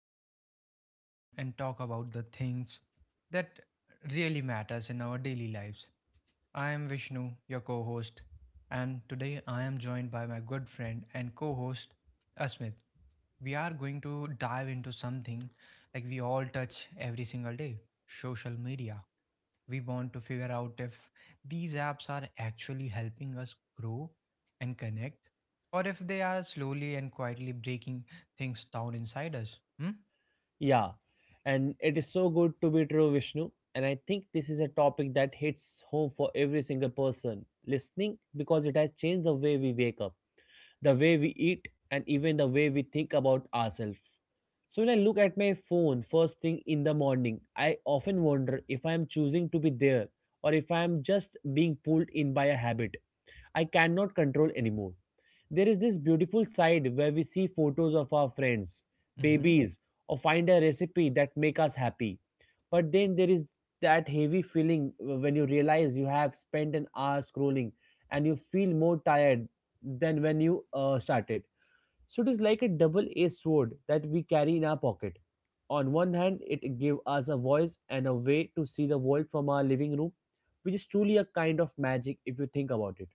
where we just sit down and talk about the things that really matters in our daily lives. I am Vishnu, your co host, and today I am joined by my good friend and co host, Asmit. We are going to dive into something like we all touch every single day, social media. We want to figure out if these apps are actually helping us grow and connect, or if they are slowly and quietly breaking things down inside us. Hmm? Yeah, and it is so good to be true, Vishnu. And I think this is a topic that hits home for every single person listening because it has changed the way we wake up, the way we eat, and even the way we think about ourselves. So when I look at my phone first thing in the morning, I often wonder if I am choosing to be there or if I am just being pulled in by a habit I cannot control anymore. There is this beautiful side where we see photos of our friends, Mm-hmm. babies, or find a recipe that make us happy. But then there is that heavy feeling when you realize you have spent an hour scrolling and you feel more tired than when you started. So it is like a double-edged sword that we carry in our pocket. On one hand, it gives us a voice and a way to see the world from our living room, which is truly a kind of magic if you think about it.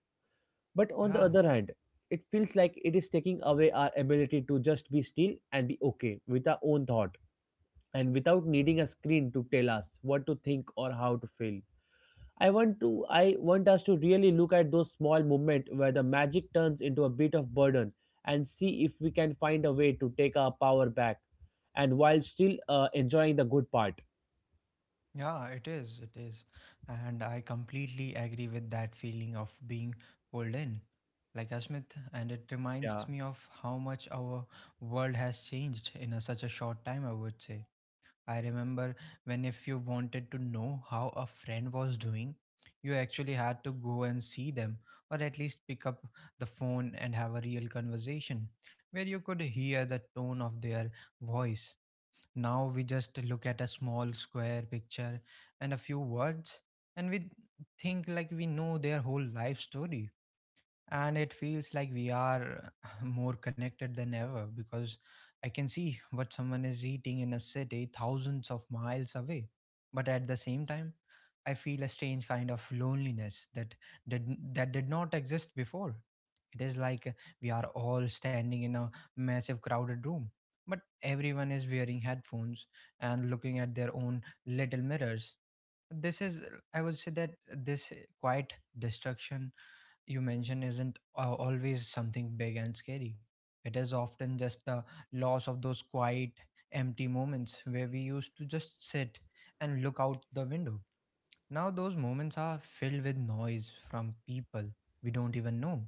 But on the Yeah. other hand, it feels like it is taking away our ability to just be still and be okay with our own thought and without needing a screen to tell us what to think or how to feel. I want us to really look at those small moments where the magic turns into a bit of burden and see if we can find a way to take our power back and while still enjoying the good part. Yeah, it is. It is. And I completely agree with that feeling of being pulled in, like Asmith. And it reminds Yeah. me of how much our world has changed in such a short time, I would say. I remember when if you wanted to know how a friend was doing, you actually had to go and see them, or at least pick up the phone and have a real conversation where you could hear the tone of their voice. Now we just look at a small square picture and a few words, and we think like we know their whole life story. And it feels like we are more connected than ever because I can see what someone is eating in a city thousands of miles away. But at the same time, I feel a strange kind of loneliness that did not exist before. It is like we are all standing in a massive crowded room, but everyone is wearing headphones and looking at their own little mirrors. This is, I would say that this quiet destruction you mentioned isn't always something big and scary. It is often just the loss of those quiet, empty moments where we used to just sit and look out the window. Now, those moments are filled with noise from people we don't even know,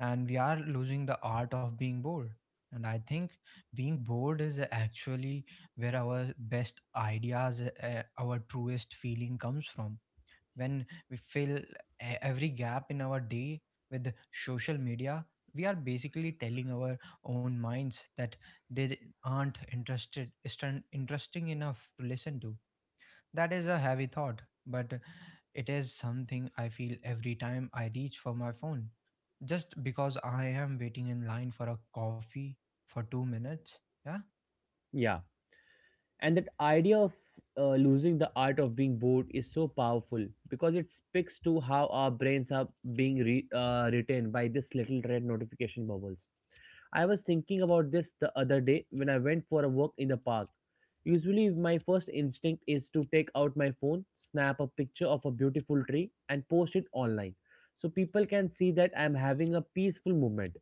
and we are losing the art of being bored. And I think being bored is actually where our best ideas, our truest feeling comes from. When we fill every gap in our day with social media, we are basically telling our own minds that they aren't isn't interesting enough to listen to. That is a heavy thought, but it is something I feel every time I reach for my phone. Just because I am waiting in line for a coffee for 2 minutes, yeah. Yeah, and that idea of losing the art of being bored is so powerful because it speaks to how our brains are being retained by this little red notification bubbles. I was thinking about this the other day when I went for a walk in the park. Usually my first instinct is to take out my phone, snap a picture of a beautiful tree and post it online so people can see that I'm having a peaceful moment.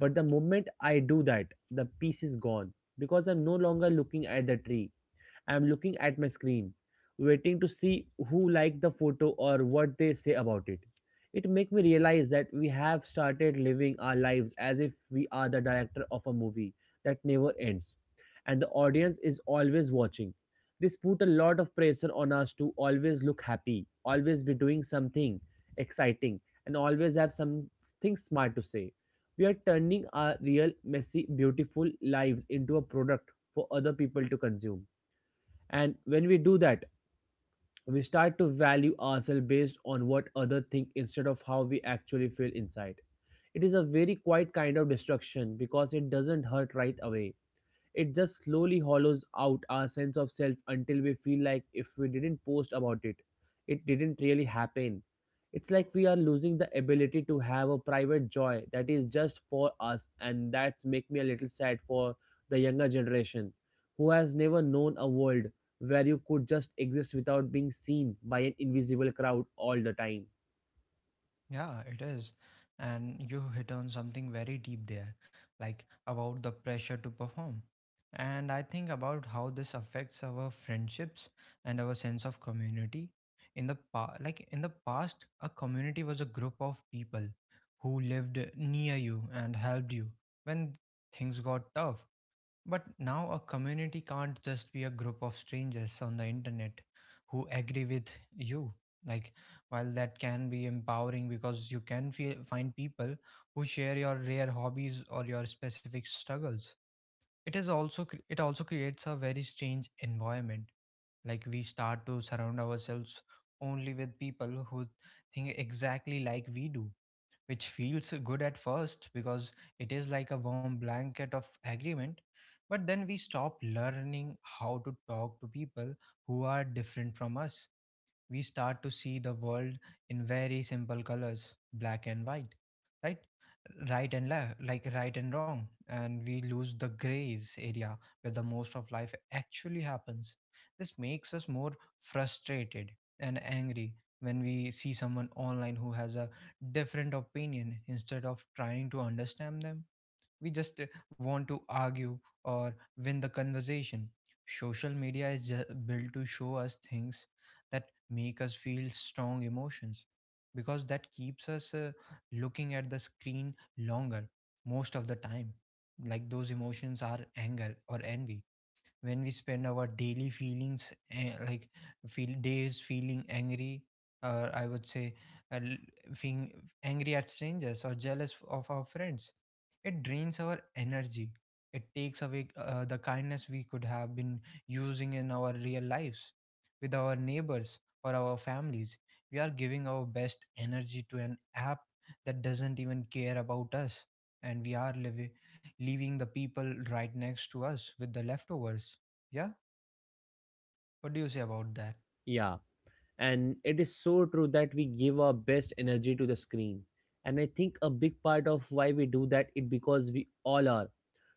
But the moment I do that, the peace is gone because I'm no longer looking at the tree, I'm looking at my screen, waiting to see who liked the photo or what they say about it. It makes me realize that we have started living our lives as if we are the director of a movie that never ends, and the audience is always watching. This put a lot of pressure on us to always look happy, always be doing something exciting, and always have something smart to say. We are turning our real, messy, beautiful lives into a product for other people to consume. And when we do that, we start to value ourselves based on what others think instead of how we actually feel inside. It is a very quiet kind of destruction because it doesn't hurt right away. It just slowly hollows out our sense of self until we feel like if we didn't post about it, it didn't really happen. It's like we are losing the ability to have a private joy that is just for us, and that's make me a little sad for the younger generation who has never known a world where you could just exist without being seen by an invisible crowd all the time. Yeah, it is. And you hit on something very deep there, like about the pressure to perform. And I think about how this affects our friendships and our sense of community. In the past, a community was a group of people who lived near you and helped you when things got tough. But now a community can't just be a group of strangers on the internet who agree with you. Like, while that can be empowering because you can find people who share your rare hobbies or your specific struggles, it also creates a very strange environment. Like we start to surround ourselves only with people who think exactly like we do, which feels good at first because it is like a warm blanket of agreement. But then we stop learning how to talk to people who are different from us. We start to see the world in very simple colors, black and white, right right and left, like right and wrong, and we lose the grays area where the most of life actually happens. This makes us more frustrated and angry when we see someone online who has a different opinion. Instead of trying to understand them, we just want to argue or win the conversation. Social media is built to show us things that make us feel strong emotions because that keeps us looking at the screen longer most of the time. Like those emotions are anger or envy. When we spend our daily feelings like feel days feeling angry, or I would say feeling angry at strangers or jealous of our friends, it drains our energy. It takes away the kindness we could have been using in our real lives with our neighbors or our families. We are giving our best energy to an app that doesn't even care about us, and we are leaving the people right next to us with the leftovers. Yeah? What do you say about that? Yeah, and it is so true that we give our best energy to the screen. And I think a big part of why we do that is because we all are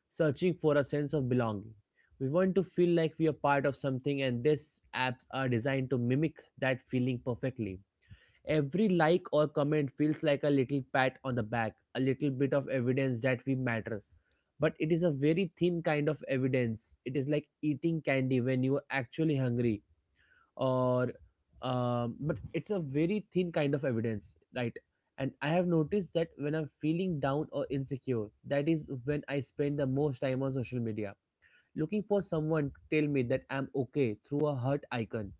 searching for a sense of belonging. We want to feel like we are part of something, and these apps are designed to mimic that feeling perfectly. Every like or comment feels like a little pat on the back, a little bit of evidence that we matter. But it is a very thin kind of evidence. It is like eating candy when you are actually hungry. Or But it's a very thin kind of evidence, right? And I have noticed that when I'm feeling down or insecure, that is when I spend the most time on social media, looking for someone to tell me that I'm okay through a heart icon.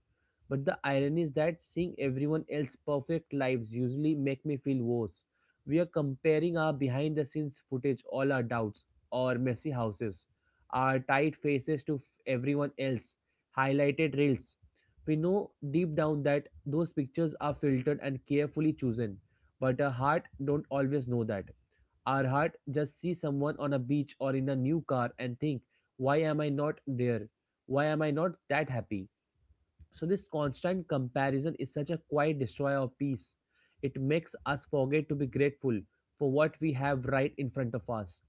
But the irony is that seeing everyone else's perfect lives usually make me feel worse. We are comparing our behind the scenes footage, all our doubts, our messy houses, our tight faces to everyone else, highlighted reels. We know deep down that those pictures are filtered and carefully chosen, but our heart don't always know that. Our heart just see someone on a beach or in a new car and think, why am I not there? Why am I not that happy? So, this constant comparison is such a quiet destroyer of peace. It makes us forget to be grateful for what we have right in front of us.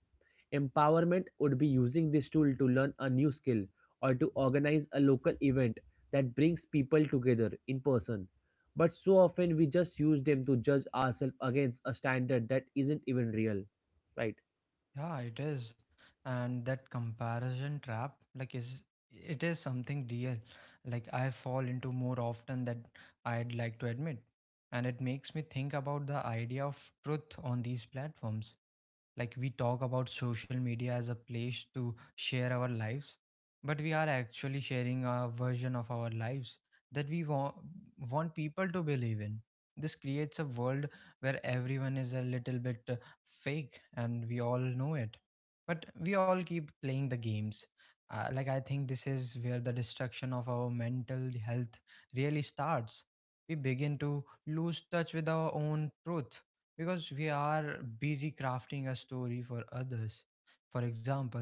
Empowerment would be using this tool to learn a new skill or to organize a local event that brings people together in person. But so often we just use them to judge ourselves against a standard that isn't even real, right? Yeah, it is. And that comparison trap, like, is it is something real. Like, I fall into more often than I'd like to admit. And it makes me think about the idea of truth on these platforms. Like we talk about social media as a place to share our lives, but we are actually sharing a version of our lives that we want people to believe in. This creates a world where everyone is a little bit fake and we all know it. But we all keep playing the games. Like, I think this is where the destruction of our mental health really starts. We begin to lose touch with our own truth because we are busy crafting a story for others. For example,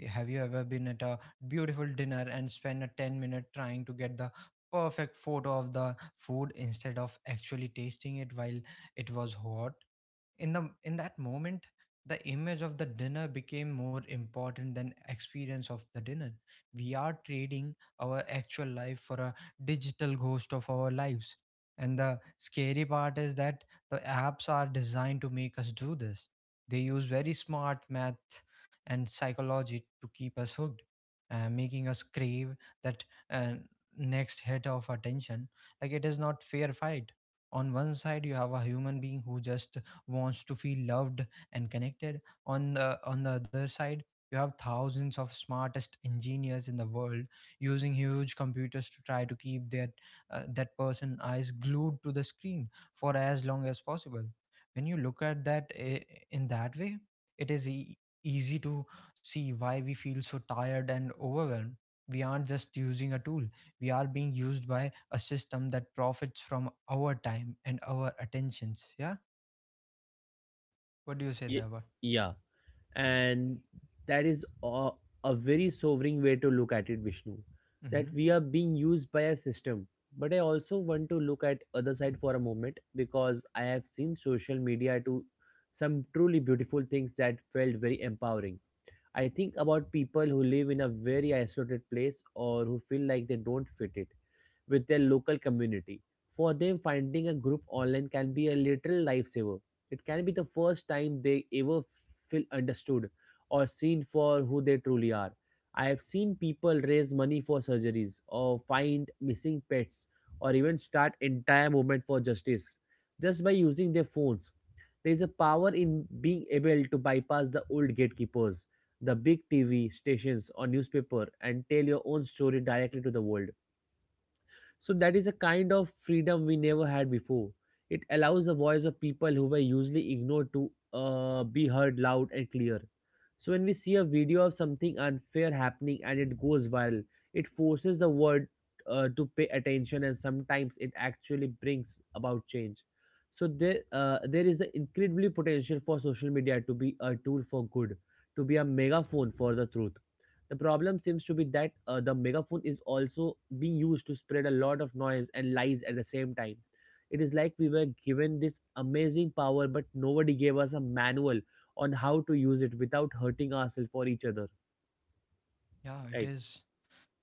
have you ever been at a beautiful dinner and spent a 10-minute trying to get the perfect photo of the food instead of actually tasting it while it was hot? In that moment the image of the dinner became more important than experience of the dinner. We are trading our actual life for a digital ghost of our lives. And the scary part is that the apps are designed to make us do this. They use very smart math and psychology to keep us hooked, making us crave that uh, next hit of attention. Like, it is not fair fight. On one side you have a human being who just wants to feel loved and connected. On the other side, you have thousands of smartest engineers in the world using huge computers to try to keep that person eyes glued to the screen for as long as possible. When you look at that in that way, it is easy to see why we feel so tired and overwhelmed. We aren't just using a tool, we are being used by a system that profits from our time and our attentions. Yeah. What do you say, Ye- Deva? Yeah, and that is a very sobering way to look at it, Vishnu. Mm-hmm. That we are being used by a system, but I also want to look at other side for a moment because I have seen social media do some truly beautiful things that felt very empowering. I think about people who live in a very isolated place or who feel like they don't fit it with their local community. For them, finding a group online can be a literal lifesaver. It can be the first time they ever feel understood or seen for who they truly are. I have seen people raise money for surgeries or find missing pets or even start entire movement for justice just by using their phones. There is a power in being able to bypass the old gatekeepers, the big TV stations or newspaper and tell your own story directly to the world. So that is a kind of freedom we never had before. It allows the voice of people who were usually ignored to be heard loud and clear. So when we see a video of something unfair happening and it goes viral, it forces the world to pay attention, and sometimes it actually brings about change. So there is an incredibly potential for social media to be a tool for good, to be a megaphone for the truth. The problem seems to be that the megaphone is also being used to spread a lot of noise and lies at the same time. It is like we were given this amazing power, but nobody gave us a manual on how to use it without hurting ourselves or each other, Yeah, it is.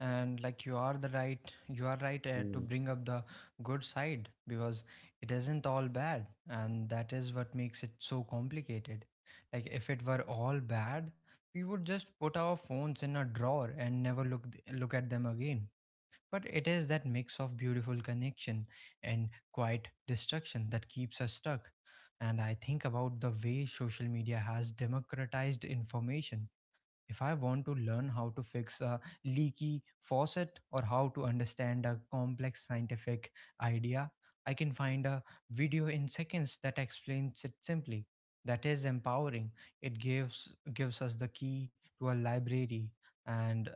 And like you are right to right? bring up the good side because it isn't all bad, and that is what makes it so complicated. Like if it were all bad, we would just put our phones in a drawer and never look look at them again. But it is that mix of beautiful connection and quiet destruction that keeps us stuck. And I think about the way social media has democratized information. If I want to learn how to fix a leaky faucet or how to understand a complex scientific idea, I can find a video in seconds that explains it simply. That is empowering. It gives us the key to a library, and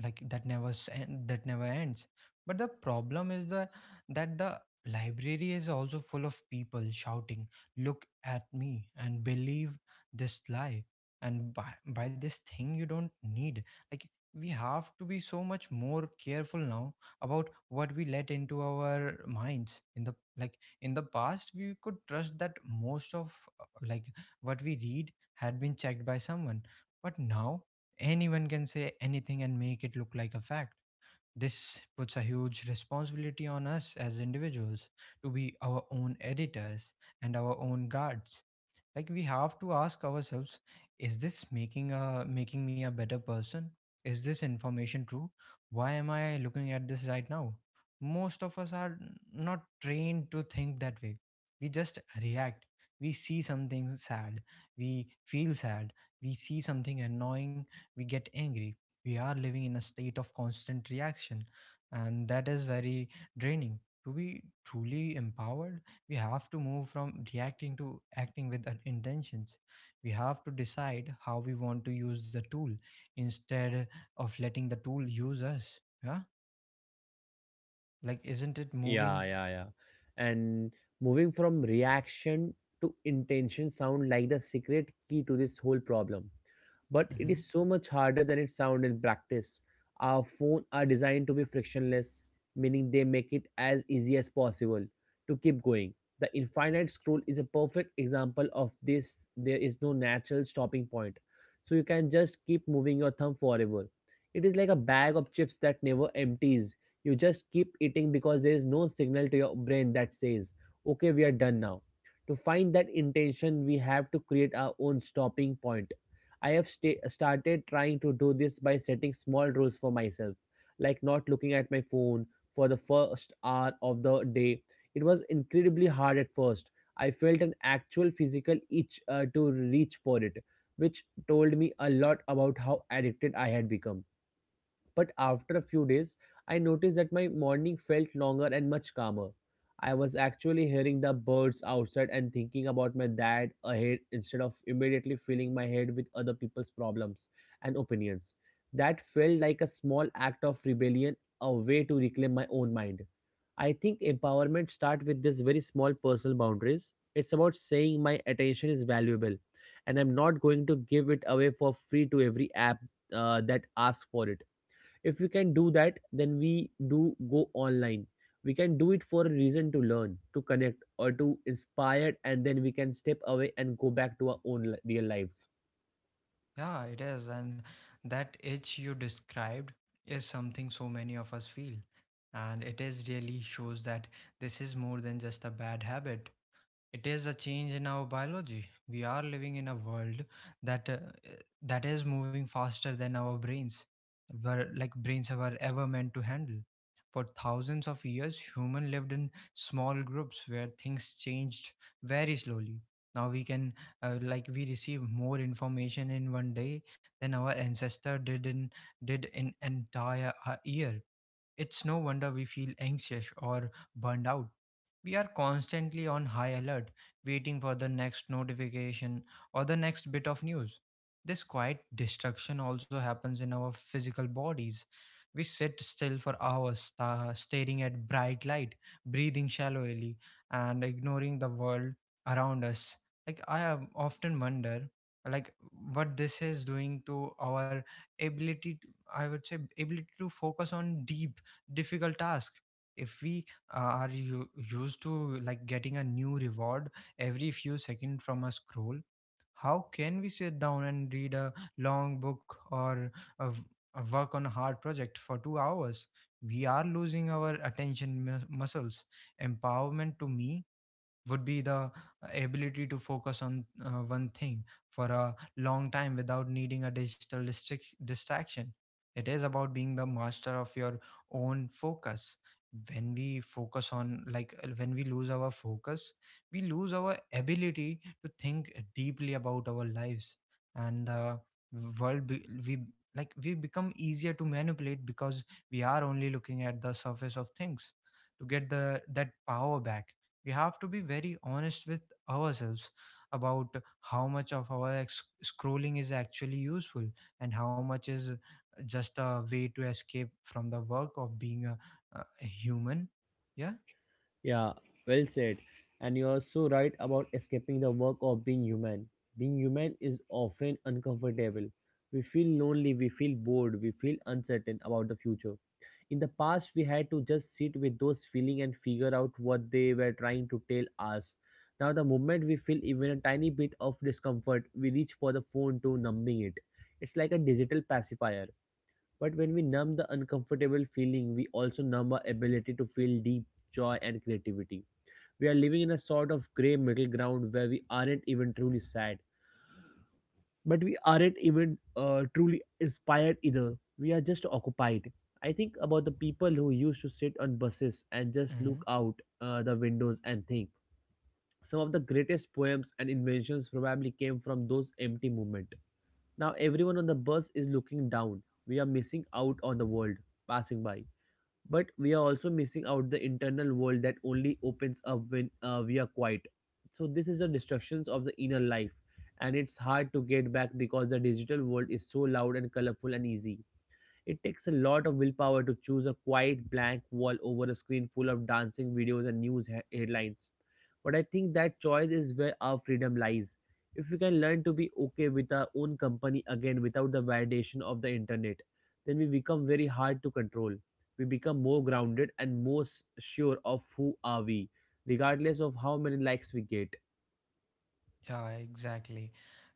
like that never ends. But the problem is the that the library is also full of people shouting, "Look at me and believe this lie." And by this thing you don't need. Like, we have to be so much more careful now about what we let into our minds. In the past we could trust that most of like what we read had been checked by someone. But now anyone can say anything and make it look like a fact. This puts a huge responsibility on us as individuals to be our own editors and our own guards. Like, we have to ask ourselves, is this making me a better person? Is this information true? Why am I looking at this right now? Most of us are not trained to think that way. We just react. We see something sad, we feel sad. We see something annoying, we get angry. We are living in a state of constant reaction, and that is very draining. To be truly empowered, we have to move from reacting to acting with an intentions. We have to decide how we want to use the tool instead of letting the tool use us, yeah? Like, isn't it Yeah, moving? yeah, yeah. And moving from reaction to intention sound like the secret key to this whole problem. But it Hmm. is so much harder than it sounds in practice. Our phones are designed to be frictionless, meaning they make it as easy as possible to keep going. The infinite scroll is a perfect example of this. There is no natural stopping point. So you can just keep moving your thumb forever. It is like a bag of chips that never empties. You just keep eating because there is no signal to your brain that says, okay, we are done now. To find that intention, we have to create our own stopping point. I have started trying to do this by setting small rules for myself, like not looking at my phone for the first hour of the day. It was incredibly hard at first. I felt an actual physical itch to reach for it, which told me a lot about how addicted I had become. But after a few days, I noticed that my morning felt longer and much calmer. I was actually hearing the birds outside and thinking about my dad ahead instead of immediately filling my head with other people's problems and opinions. That felt like a small act of rebellion, a way to reclaim my own mind. I think empowerment starts with this very small personal boundaries. It's about saying my attention is valuable and I'm not going to give it away for free to every app that asks for it. If we can do that, then we do go online, we can do it for a reason to learn, to connect or to inspire, and then we can step away and go back to our own real lives. Yeah, it is. And that itch you described is something so many of us feel, and it is really shows that this is more than just a bad habit. It is a change in our biology. We are living in a world that uh, that is moving faster than our brains were ever meant to handle. For thousands of years, human lived in small groups where things changed very slowly. Now we can we receive more information in one day than our ancestor did in entire year. It's no wonder we feel anxious or burned out. We are constantly on high alert, waiting for the next notification or the next bit of news. This quiet destruction also happens in our physical bodies. We sit still for hours, staring at bright light, breathing shallowly, and ignoring the world around us. Like I have often wonder, like what this is doing to our ability. To, I would say ability to focus on deep difficult task. If we are used to like getting a new reward every few seconds from a scroll, how can we sit down and read a long book or a v- a work on a hard project for 2 hours? We are losing our attention muscles. Empowerment to me would be the ability to focus on one thing for a long time without needing a digital distraction. It is about being the master of your own focus. When we lose our focus, we lose our ability to think deeply about our lives and the world. Be, we like we become easier to manipulate because we are only looking at the surface of things. To get the that power back, we have to be very honest with ourselves about how much of our scrolling is actually useful and how much is just a way to escape from the work of being a human. Yeah. Yeah, well said. And you are so right about escaping the work of being human. Being human is often uncomfortable. We feel lonely, we feel bored, we feel uncertain about the future. In the past, we had to just sit with those feelings and figure out what they were trying to tell us. Now, the moment we feel even a tiny bit of discomfort, we reach for the phone to numbing it. It's like a digital pacifier, but when we numb the uncomfortable feeling, we also numb our ability to feel deep joy and creativity. We are living in a sort of gray middle ground where we aren't even truly sad, but we aren't even truly inspired either. We are just occupied. I think about the people who used to sit on buses and just Mm-hmm. look out the windows and think. Some of the greatest poems and inventions probably came from those empty moments. Now everyone on the bus is looking down. We are missing out on the world passing by, but we are also missing out the internal world that only opens up when we are quiet. So this is the destructions of the inner life, and it's hard to get back because the digital world is so loud and colorful and easy. It takes a lot of willpower to choose a quiet blank wall over a screen full of dancing videos and headlines. But I think that choice is where our freedom lies. If we can learn to be okay with our own company again without the validation of the internet, then we become very hard to control. We become more grounded and more sure of who are we, regardless of how many likes we get. Yeah, exactly.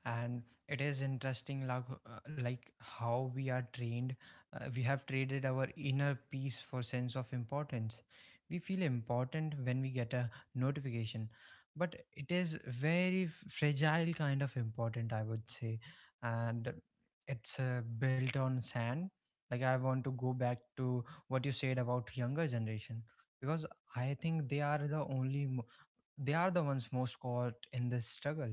And it is interesting, how we are trained. We have traded our inner peace for sense of importance. We feel important when we get a notification, but it is very fragile kind of important, I would say, and it's built on sand. Like I want to go back to what you said about younger generation because I think they are the ones most caught in this struggle.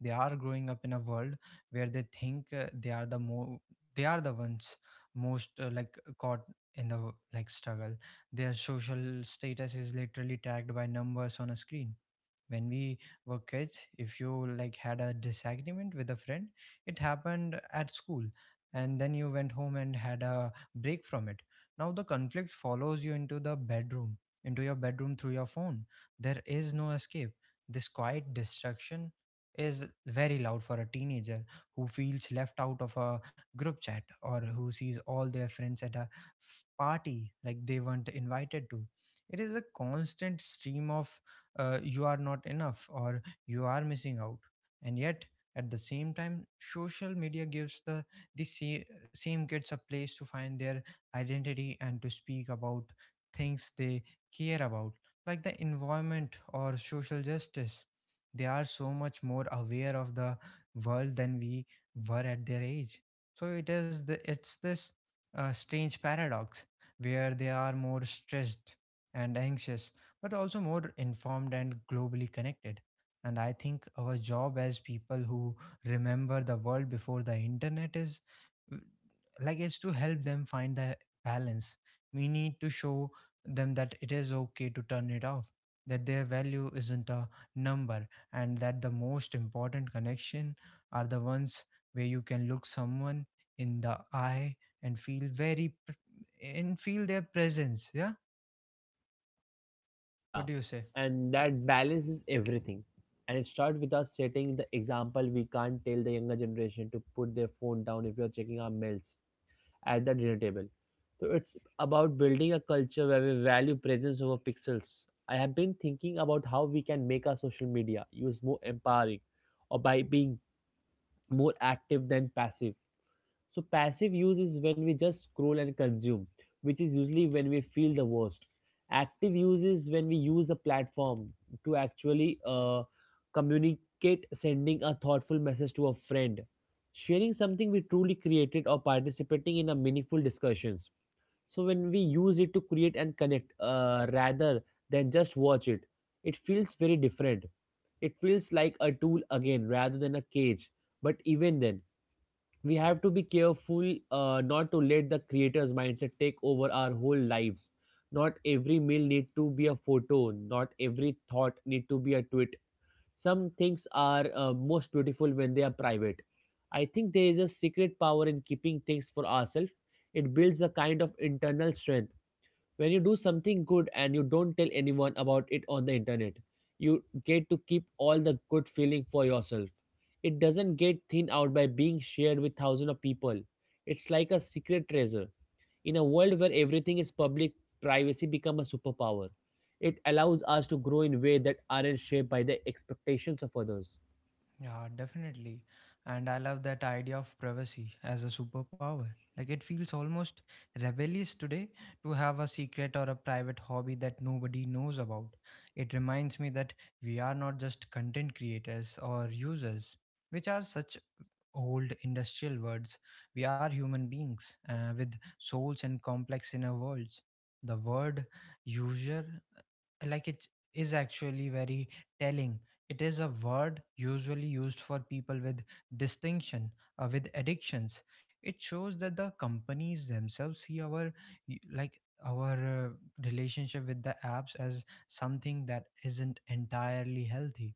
They are growing up in a world where they think they are the more they are the ones most caught in the struggle. Their social status is literally tagged by numbers on a screen. When we were kids, if you had a disagreement with a friend, it happened at school, and then you went home and had a break from it. Now the conflict follows you into the bedroom into your bedroom through your phone. There is no escape. This quiet destruction is very loud for a teenager who feels left out of a group chat, or who sees all their friends at a party like they weren't invited to. It is a constant stream of you are not enough or you are missing out. And yet, at the same time, social media gives the same kids a place to find their identity and to speak about things they care about, like the environment or social justice. They are so much more aware of the world than we were at their age. So it is the it's this strange paradox where they are more stressed and anxious but also more informed and globally connected. And I think our job as people who remember the world before the internet is mm, like it's to help them find the balance. We need to show them that it is okay to turn it off, that their value isn't a number, and that the most important connection are the ones where you can look someone in the eye and feel and feel their presence. Yeah, what Yeah, do you say? and that balance is everything. And it starts with us setting the example. We can't tell the younger generation to put their phone down if we are checking our mails at the dinner table. So it's about building a culture where we value presence over pixels. I have been thinking about how we can make our social media use more empowering, or by being more active than passive. So passive use is when we just scroll and consume, which is usually when we feel the worst. Active use is when we use a platform to actually communicate, sending a thoughtful message to a friend, sharing something we truly created, or participating in a meaningful discussions. So when we use it to create and connect, rather than just watch it, it feels very different. It feels like a tool again rather than a cage. But even then, we have to be careful not to let the creator's mindset take over our whole lives. Not every meal need to be a photo, not every thought need to be a tweet. Some things are most beautiful when they are private. I think there is a secret power in keeping things for ourselves. It builds a kind of internal strength. When you do something good and you don't tell anyone about it on the internet, you get to keep all the good feeling for yourself. It doesn't get thinned out by being shared with thousands of people. It's like a secret treasure. In a world where everything is public, privacy become a superpower. It allows us to grow in ways that aren't shaped by the expectations of others. Yeah, definitely. And I love that idea of privacy as a superpower. Like it feels almost rebellious today to have a secret or a private hobby that nobody knows about. It reminds me that we are not just content creators or users, which are such old industrial words. We are human beings with souls and complex inner worlds. The word user, it is actually very telling. It is a word usually used for people with distinction, with addictions. It shows that the companies themselves see our y- like our relationship with the apps as something that isn't entirely healthy.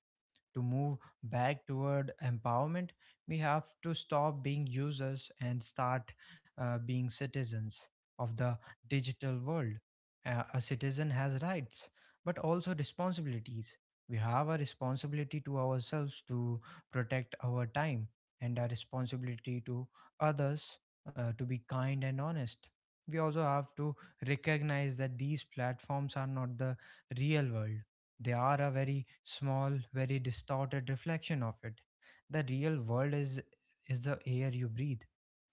To move back toward empowerment, we have to stop being users and start being citizens of the digital world. A citizen has rights, but also responsibilities. We have a responsibility to ourselves to protect our time, and a responsibility to others to be kind and honest. We also have to recognize that these platforms are not the real world. They are a very small, very distorted reflection of it. The real world is the air you breathe,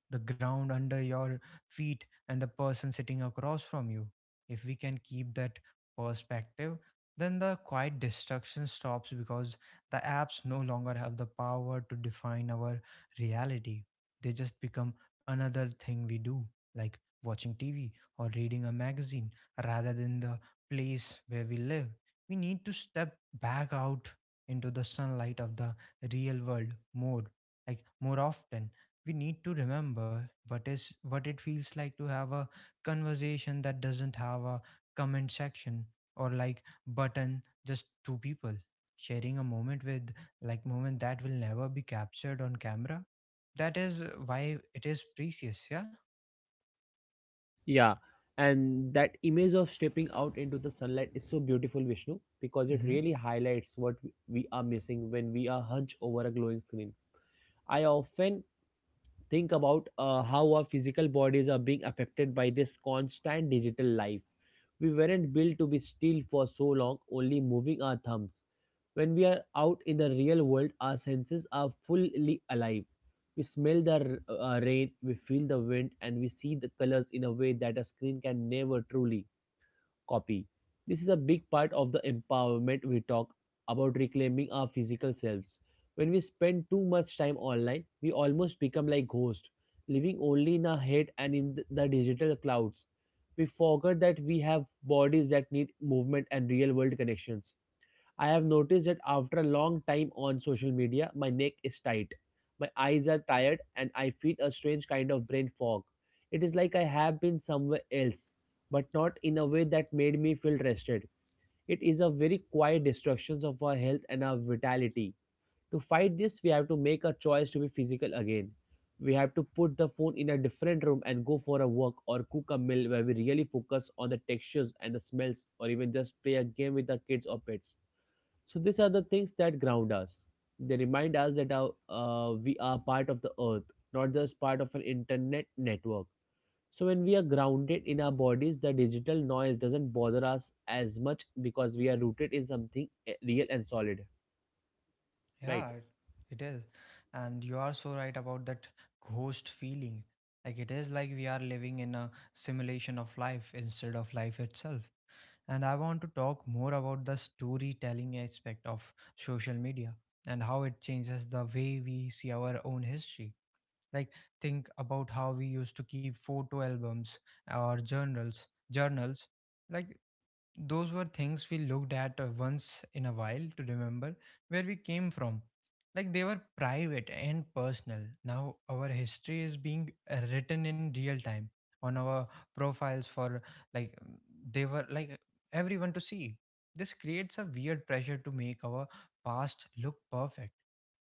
the ground under your feet, and the person sitting across from you. If we can keep that perspective, then the quiet destruction stops because the apps no longer have the power to define our reality. They just become another thing we do, like watching TV or reading a magazine, rather than the place where we live. We need to step back out into the sunlight of the real world more, more often. We need to remember what it feels like to have a conversation that doesn't have a comment section or like button, just two people sharing a moment, with like moment that will never be captured on camera. That is why it is precious. Yeah. Yeah, and that image of stepping out into the sunlight is so beautiful, Vishnu, because it Mm-hmm. really highlights what we are missing when we are hunched over a glowing screen. I often think about how our physical bodies are being affected by this constant digital life. We weren't built to be still for so long, only moving our thumbs. When we are out in the real world, our senses are fully alive. We smell the rain, we feel the wind, and we see the colors in a way that a screen can never truly copy. This is a big part of the empowerment we talk about, reclaiming our physical selves. When we spend too much time online, we almost become like ghosts, living only in our head and in the digital clouds. We forget that we have bodies that need movement and real world connections. I have noticed that after a long time on social media, my neck is tight, my eyes are tired, and I feel a strange kind of brain fog. It is like I have been somewhere else, but not in a way that made me feel rested. It is a very quiet destruction of our health and our vitality. To fight this, we have to make a choice to be physical again. We have to put the phone in a different room and go for a walk, or cook a meal where we really focus on the textures and the smells, or even just play a game with the kids or pets. So these are the things that ground us. They remind us that we are part of the earth, not just part of an internet network. So when we are grounded in our bodies, the digital noise doesn't bother us as much because we are rooted in something real and solid, right? Yeah, it is. And you are so right about that ghost feeling. Like it is like we are living in a simulation of life instead of life itself. And I want to talk more about the storytelling aspect of social media and how it changes the way we see our own history. Like think about how we used to keep photo albums or journals. Like those were things we looked at once in a while to remember where we came from. Like they were private and personal. Now our history is being written in real time on our profiles for like mm, they were like everyone to see. This creates a weird pressure to make our past look perfect.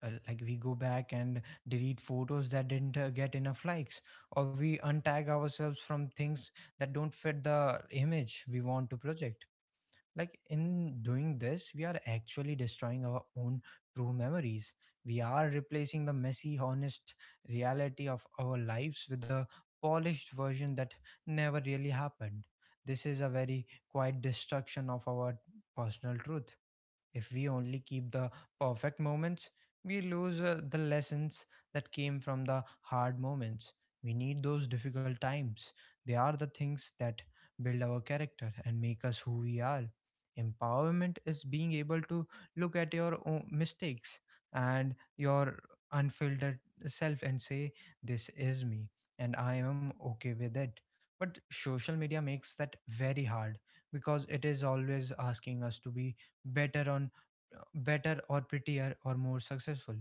Like we go back and delete photos that didn't get enough likes, or we untag ourselves from things that don't fit the image we want to project. Like in doing this we are actually destroying our own true memories. We are replacing the messy honest reality of our lives with the polished version that never really happened. This is a very quiet destruction of our personal truth. If we only keep the perfect moments, we lose the lessons that came from the hard moments. We need those difficult times. They are the things that build our character and make us who we are. Empowerment is being able to look at your own mistakes and your unfiltered self and say, "This is me, and I am okay with it." But social media makes that very hard because it is always asking us to be better on better or prettier or more successful.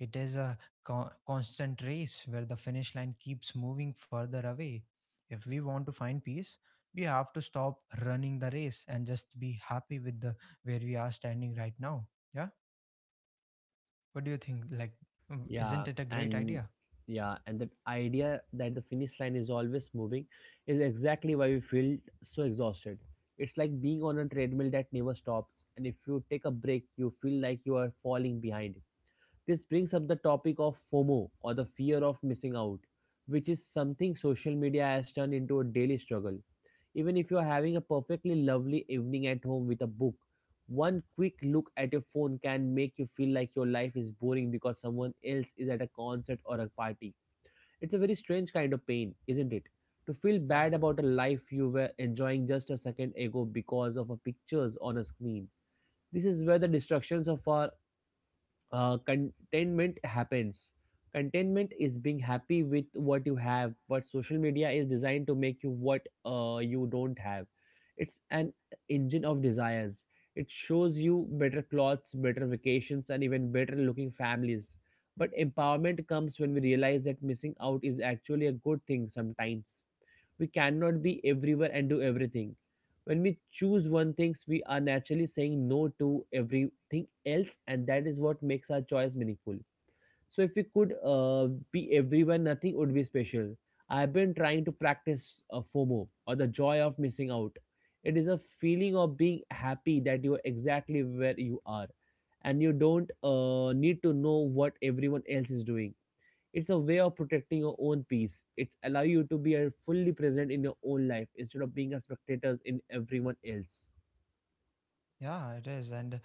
It is a constant race where the finish line keeps moving further away. If we want to find peace, we have to stop running the race and just be happy with the where we are standing right now. Yeah. What do you think, Yeah, isn't it a great and idea? yeah, and that idea that the finish line is always moving is exactly why we feel so exhausted. It's like being on a treadmill that never stops, and if you take a break, you feel like you are falling behind. This brings up the topic of FOMO, or the fear of missing out, which is something social media has turned into a daily struggle. Even if you are having a perfectly lovely evening at home with a book, one quick look at your phone can make you feel like your life is boring because someone else is at a concert or a party. It's a very strange kind of pain, isn't it? To feel Yeah. bad about a life you were enjoying just a second ago because of a pictures on a screen. This is where the distractions of our contentment happens. Contentment is being happy with what you have, but social media is designed to make you what you don't have. It's an engine of desires. It shows you better clothes, better vacations, and even better looking families. But empowerment comes when we realize that missing out is actually a good thing sometimes. We cannot be everywhere and do everything. When we choose one things, we are naturally saying no to everything else, and that is what makes our choice meaningful. So, if we could be everyone, nothing would be special. I've been trying to practice FOMO, or the joy of missing out. It is a feeling of being happy that you are exactly where you are, and you don't need to know what everyone else is doing. It's a way of protecting your own peace. It's allow you to be fully present in your own life instead of being a spectator in everyone else. Yeah, it is. And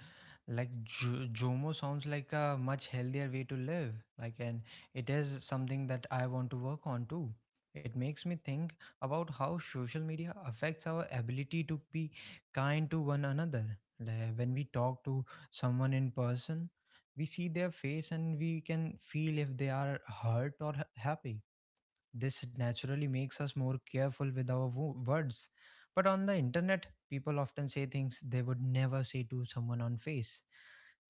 like Jomo sounds like a much healthier way to live. Like, and it is something that I want to work on too. It makes me think about how social media affects our ability to be kind to one another. Like, when we talk to someone in person, we see their face and we can feel if they are hurt or happy. This naturally makes us more careful with our words. But on the internet, people often say things they would never say to someone on face.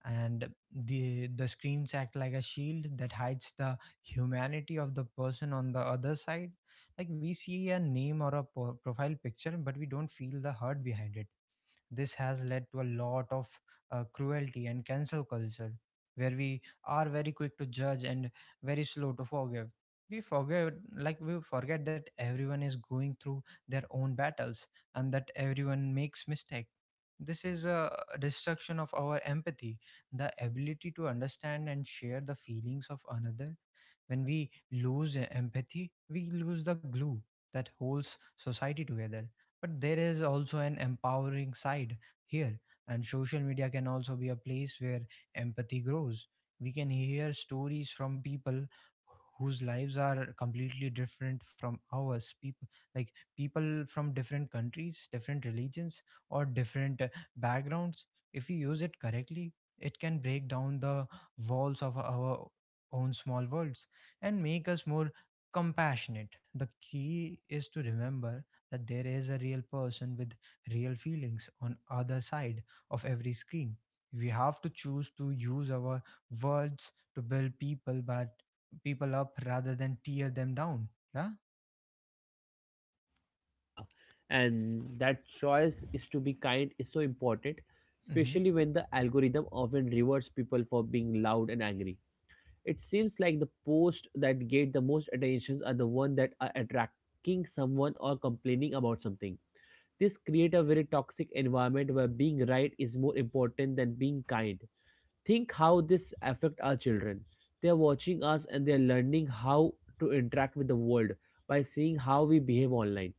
And the screens act like a shield that hides the humanity of the person on the other side. Like we see a name or a profile picture, but we don't feel the hurt behind it. This has led to a lot of cruelty and cancel culture, where we are very quick to judge and very slow to forgive. We forget that everyone is going through their own battles and that everyone makes mistake. This is a destruction of our empathy, the ability to understand and share the feelings of another. When we lose empathy, we lose the glue that holds society together. But there is also an empowering side here, and social media can also be a place where empathy grows. We can hear stories from people whose lives are completely different from ours, people like people from different countries, different religions, or different backgrounds. If we use it correctly, it can break down the walls of our own small worlds and make us more compassionate. The key is to remember that there is a real person with real feelings on other side of every screen. We have to choose to use our words to build people up rather than tear them down. Yeah? Yeah, and that choice is to be kind is so important, Mm-hmm. especially when the algorithm often rewards people for being loud and angry. It seems like the posts that get the most attentions are the ones that are attracting someone or complaining about something. This creates a very toxic environment where being right is more important than being kind. Think how this affect our children. They're watching us and they're learning how to interact with the world by seeing how we behave online.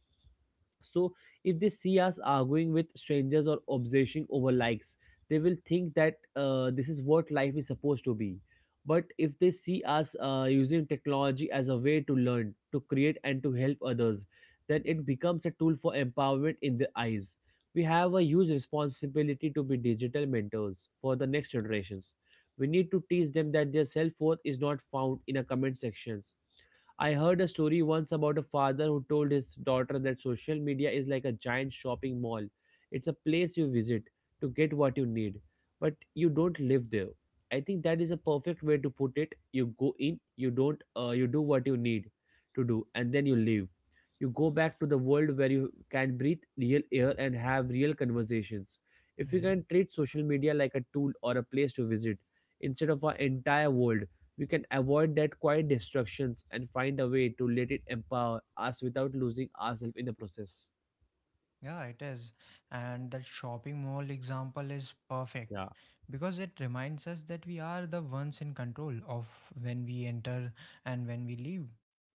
So, if they see us arguing with strangers or obsessing over likes, they will think that this is what life is supposed to be. But if they see us using technology as a way to learn, to create, and to help others, then it becomes a tool for empowerment in their eyes. We have a huge responsibility to be digital mentors for the next generations. We need to teach them that their self worth is not found in a comment sections. I heard a story once about a father who told his daughter that social media is like a giant shopping mall. It's a place you visit to get what you need, but you don't live there. I think that is a perfect way to put it. You go in, you don't, you do what you need to do, and then you leave. You go back to the world where you can breathe real air and have real conversations. If you Mm-hmm. can treat social media like a tool or a place to visit instead of our entire world, we can avoid that quiet destructions and find a way to let it empower us without losing ourselves in the process. Yeah, it is. And that shopping mall example is perfect Yeah, because it reminds us that we are the ones in control of when we enter and when we leave.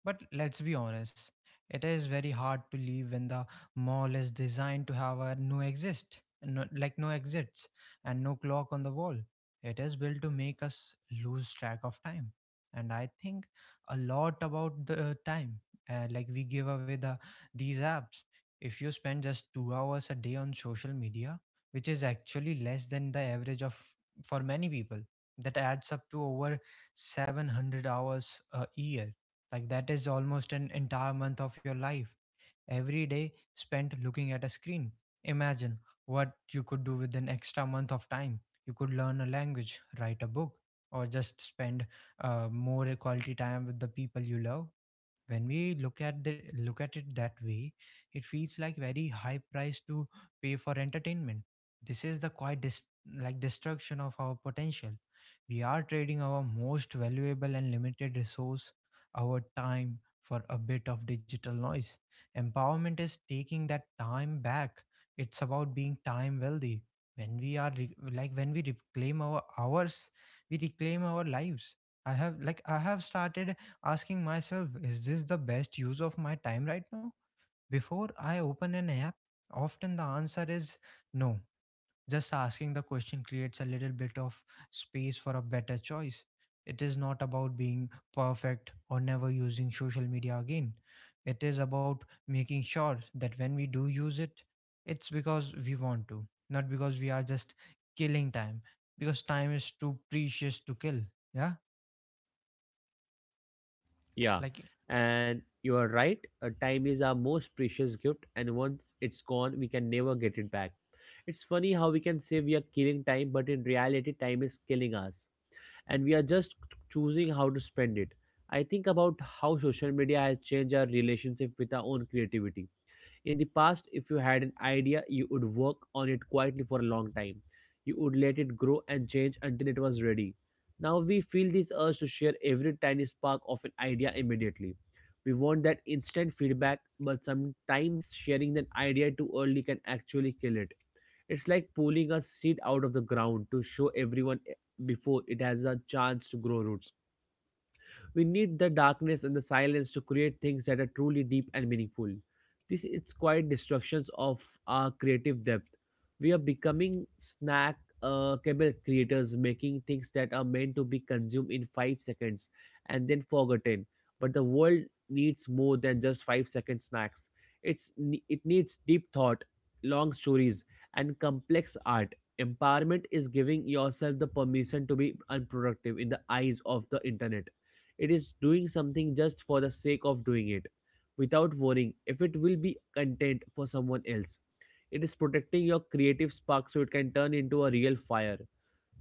But let's be honest, it is very hard to leave when the mall is designed to have a no exist, no, like no exits and no clock on the wall. It is built to make us lose track of time. And I think a lot about the time. Like we give away the these apps. If you spend just 2 hours a day on social media, which is actually less than the average of for many people, that adds up to over 700 hours a year. Like that is almost an entire month of your life. Every day spent looking at a screen. Imagine what you could do with an extra month of time. You could learn a language, write a book, or just spend more quality time with the people you love. When we look at it that way, it feels like very high price to pay for entertainment. This is the quite dis- like destruction of our potential. We are trading our most valuable and limited resource, our time, for a bit of digital noise. Empowerment is taking that time back. It's about being time wealthy. When we are re- like when we reclaim our hours, we reclaim our lives. I have started asking myself, is this the best use of my time right now? Before I open an app, often the answer is no. Just asking the question creates a little bit of space for a better choice. It is not about being perfect or never using social media again. It is about making sure that when we do use it, it's because we want to, not because we are just killing time, because time is too precious to kill. Yeah, yeah. like And you are right, time is our most precious gift, and once it's gone, we can never get it back. It's funny how we can say we are killing time, but in reality, time is killing us, and we are just choosing how to spend it. I think about how social media has changed our relationship with our own creativity. In the past, if you had an idea, you would work on it quietly for a long time. You would let it grow and change until it was ready. Now we feel this urge to share every tiny spark of an idea immediately. We want that instant feedback, but sometimes sharing an idea too early can actually kill it. It's like pulling a seed out of the ground to show everyone before it has a chance to grow roots. We need the darkness and the silence to create things that are truly deep and meaningful. This is quite destructions of our creative depth. We are becoming snack cable creators, making things that are meant to be consumed in 5 seconds and then forgotten. But the world needs more than just 5 second snacks. It's it needs deep thought, long stories, and complex art. Empowerment is giving yourself the permission to be unproductive in the eyes of the internet. It is doing something just for the sake of doing it, without worrying if it will be content for someone else. It is protecting your creative spark so it can turn into a real fire.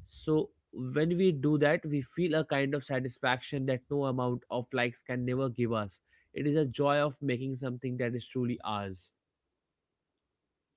So, when we do that, we feel a kind of satisfaction that no amount of likes can never give us. It is a joy of making something that is truly ours.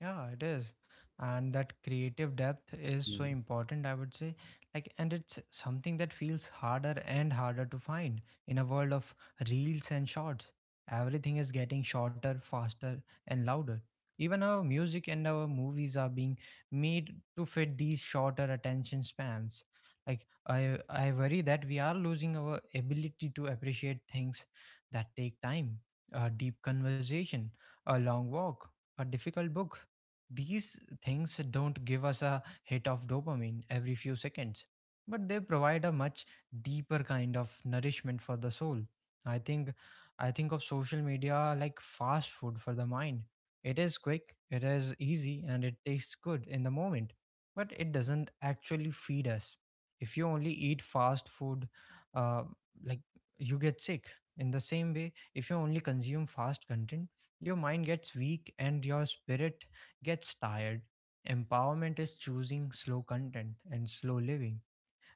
yeah, it is. And that creative depth is so Mm. important, I would say. Like, and it's something that feels harder and harder to find in a world of reels and shorts. Everything is getting shorter, faster, and louder. Even our music and our movies are being made to fit these shorter attention spans. Like, I worry that we are losing our ability to appreciate things that take time, a deep conversation, a long walk, a difficult book. These things don't give us a hit of dopamine every few seconds, but they provide a much deeper kind of nourishment for the soul. I think I think of social media like fast food for the mind. It is quick, it is easy, and it tastes good in the moment, but it doesn't actually feed us. If you only eat fast food, uh, like you get sick. In the same way, if you only consume fast content, your mind gets weak and your spirit gets tired. Empowerment is choosing slow content and slow living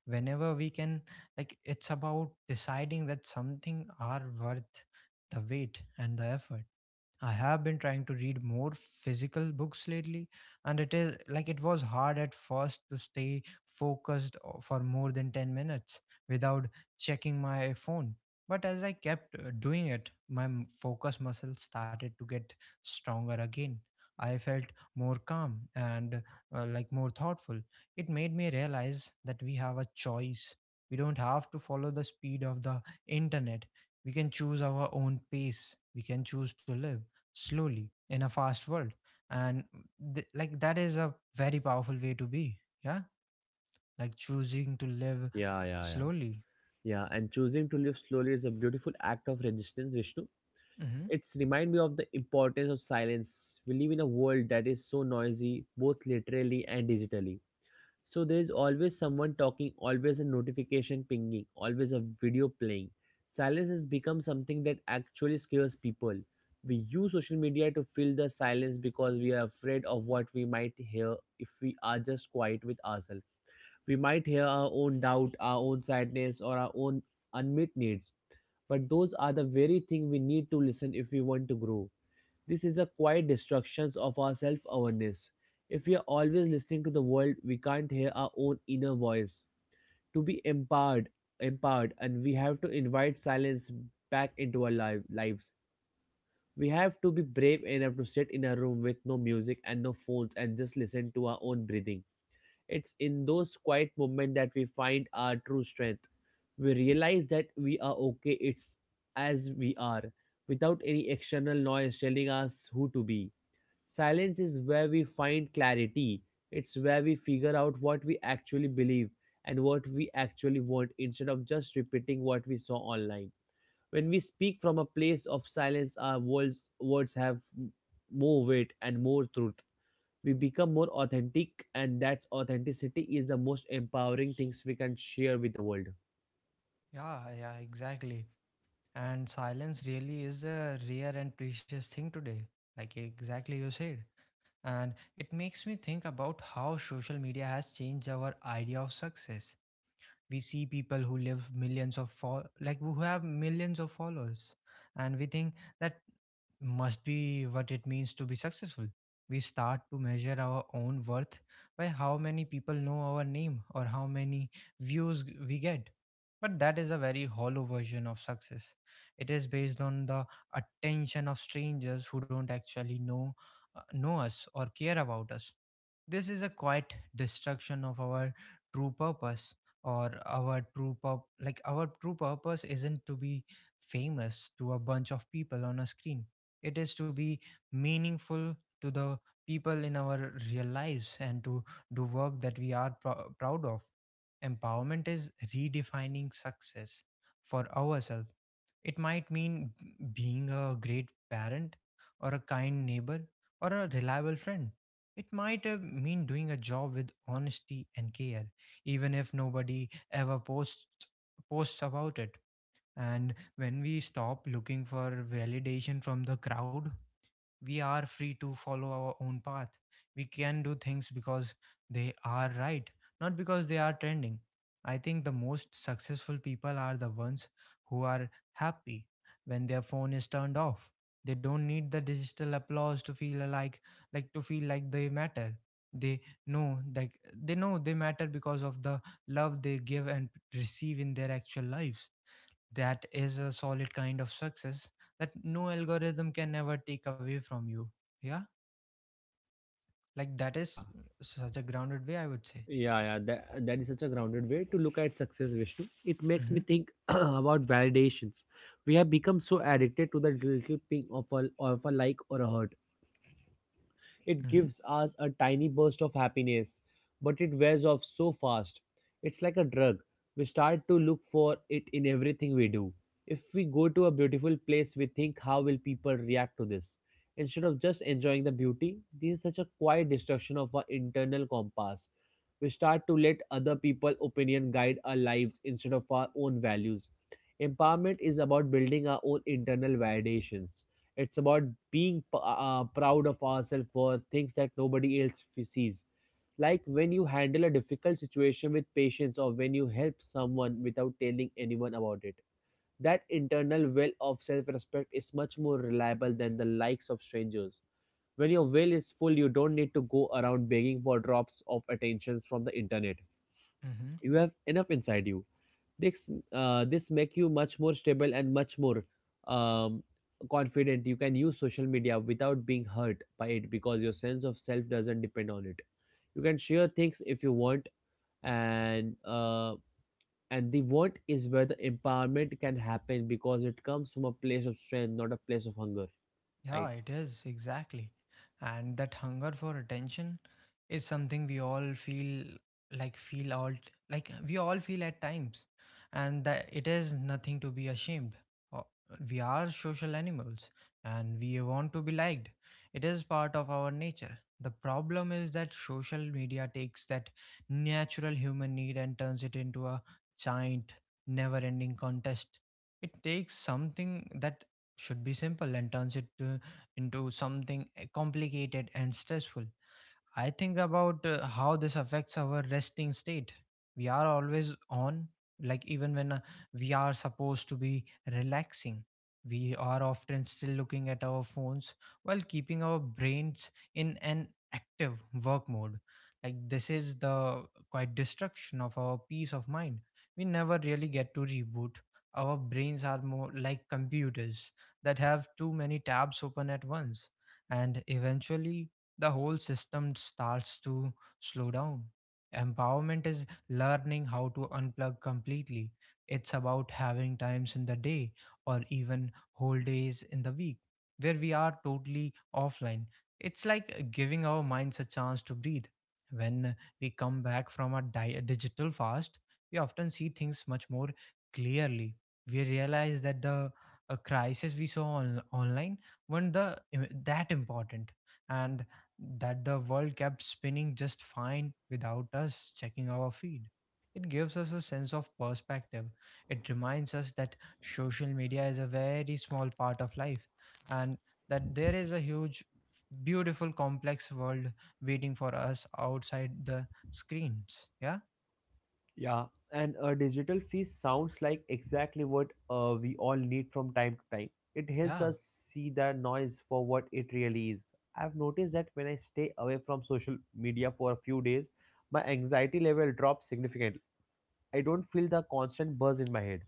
whenever we can. Like, it's about deciding that something are worth the wait and the effort. I have been trying to read more physical books lately, and it is like it was hard at first to stay focused o- for more than 10 minutes without checking my phone. But as I kept doing it, my focus muscle started to get stronger again. I felt more calm and more thoughtful. It made me realize that we have a choice. We don't have to follow the speed of the internet. We can choose our own pace. We can choose to live slowly in a fast world. And that is a very powerful way to be. Yeah. Like choosing to live Yeah, yeah, yeah. slowly. Yeah, and choosing to live slowly is a beautiful act of resistance, Vishnu. Hmm. It's remind me of the importance of silence. We live in a world that is so noisy, both literally and digitally. So there is always someone talking, always a notification pinging, always a video playing. Silence has become something that actually scares people. We use social media to fill the silence because we are afraid of what we might hear if we are just quiet with ourselves. We might hear our own doubt, our own sadness, or our own unmet needs. But those are the very thing we need to listen if we want to grow. This is the quiet destruction of our self awareness. If we are always listening to the world, we can't hear our own inner voice. To be empowered, empowered, and we have to invite silence back into our lives. We have to be brave enough to sit in a room with no music and no phones and just listen to our own breathing. It's in those quiet moments that we find our true strength. We realize that we are okay, it's as we are, without any external noise telling us who to be. Silence is where we find clarity. It's where we figure out what we actually believe and what we actually want instead of just repeating what we saw online. When we speak from a place of silence, our words have more weight and more truth. We become more authentic, and that's authenticity is the most empowering things we can share with the world. Yeah. Yeah. Exactly. And silence really is a rare and precious thing today. Like exactly you said, and it makes me think about how social media has changed our idea of success. We see people who live millions of fol- like who have millions of followers, and we think that must be what it means to be successful. We start to measure our own worth by how many people know our name or how many we get. But that is a very hollow version of success. It is based on the attention of strangers who don't actually know us or care about us. This is a quiet destruction of our true purpose. Or our true purp like Our true purpose isn't to be famous to a bunch of people on a screen. It is to be meaningful to the people in our real lives and to do work that we are proud of. Empowerment is redefining success for ourselves. It might mean being a great parent or a kind neighbor or a reliable friend. It might mean doing a job with honesty and care, even if nobody ever posts about it. And when we stop looking for validation from the crowd, we are free to follow our own path. We can do things because they are right, not because they are trending. I think the most successful people are the ones who are happy when their phone is turned off. They don't need the digital applause to feel like to feel like they matter. They know like they know they matter because of the love they give and receive in their actual lives. That is a solid kind of success that no algorithm can ever take away from you. Yeah, like that is Yeah. such a grounded way, I would say. Yeah, yeah, that is such a grounded way to look at success, Vishnu. It makes me Mm-hmm, think about validations. We have become so addicted to the little ping of a like or a hurt. It mm-hmm, gives us a tiny burst of happiness, but it wears off so fast. It's like a drug. We start to look for it in everything we do. If we go to a beautiful place, we think, how will people react to this? Instead of just enjoying the beauty, this is such a quiet destruction of our internal compass. We start to let other people's opinion guide our lives instead of our own values. Empowerment is about building our own internal validations. It's about being proud of ourselves for things that nobody else sees. Like when you handle a difficult situation with patience or when you help someone without telling anyone about it. That internal well of self respect is much more reliable than the likes of strangers. When your well is full, you don't need to go around begging for drops of attentions from the internet. mm-hmm. You have enough inside you. This this make you much more stable and much more um, confident. You can use social media without being hurt by it because your sense of self doesn't depend on it. You can share things if you want, and uh, and the want is where the empowerment can happen because it comes from a place of strength, not a place of hunger. Right. Yeah, it is exactly. And that hunger for attention is something we all feel like feel all like we all feel at times, and that it is nothing to be ashamed. O- We are social animals and we want to be liked. It is part of our nature. The problem is that social media takes that natural human need and turns it into a giant never-ending contest. It takes something that should be simple and turns it into something complicated and stressful. I think about how this affects our resting state. We are always on, like even when we are supposed to be relaxing. We are often still looking at our phones while keeping our brains in an active work mode. Like, this is the quite destruction of our peace of mind. We never really get to reboot. Our brains are more like computers that have too many tabs open at once, and eventually the whole system starts to slow down. Empowerment is learning how to unplug completely. It's about having times in the day or even whole days in the week where we are totally offline. It's like giving our minds a chance to breathe. When we come back from a digital fast, we often see things much more clearly. We realize that the crisis we saw online weren't the, that important, and that the world kept spinning just fine without us checking our feed. It gives us a sense of perspective. It reminds us that social media is a very small part of life and that there is a huge, beautiful, complex world waiting for us outside the screens. Yeah, Yeah, and a digital fee sounds like exactly what we all need from time to time. It helps yeah. us see the noise for what it really is. I've noticed that when I stay away from social media for a few days, my anxiety level drops significantly. I don't feel the constant buzz in my head.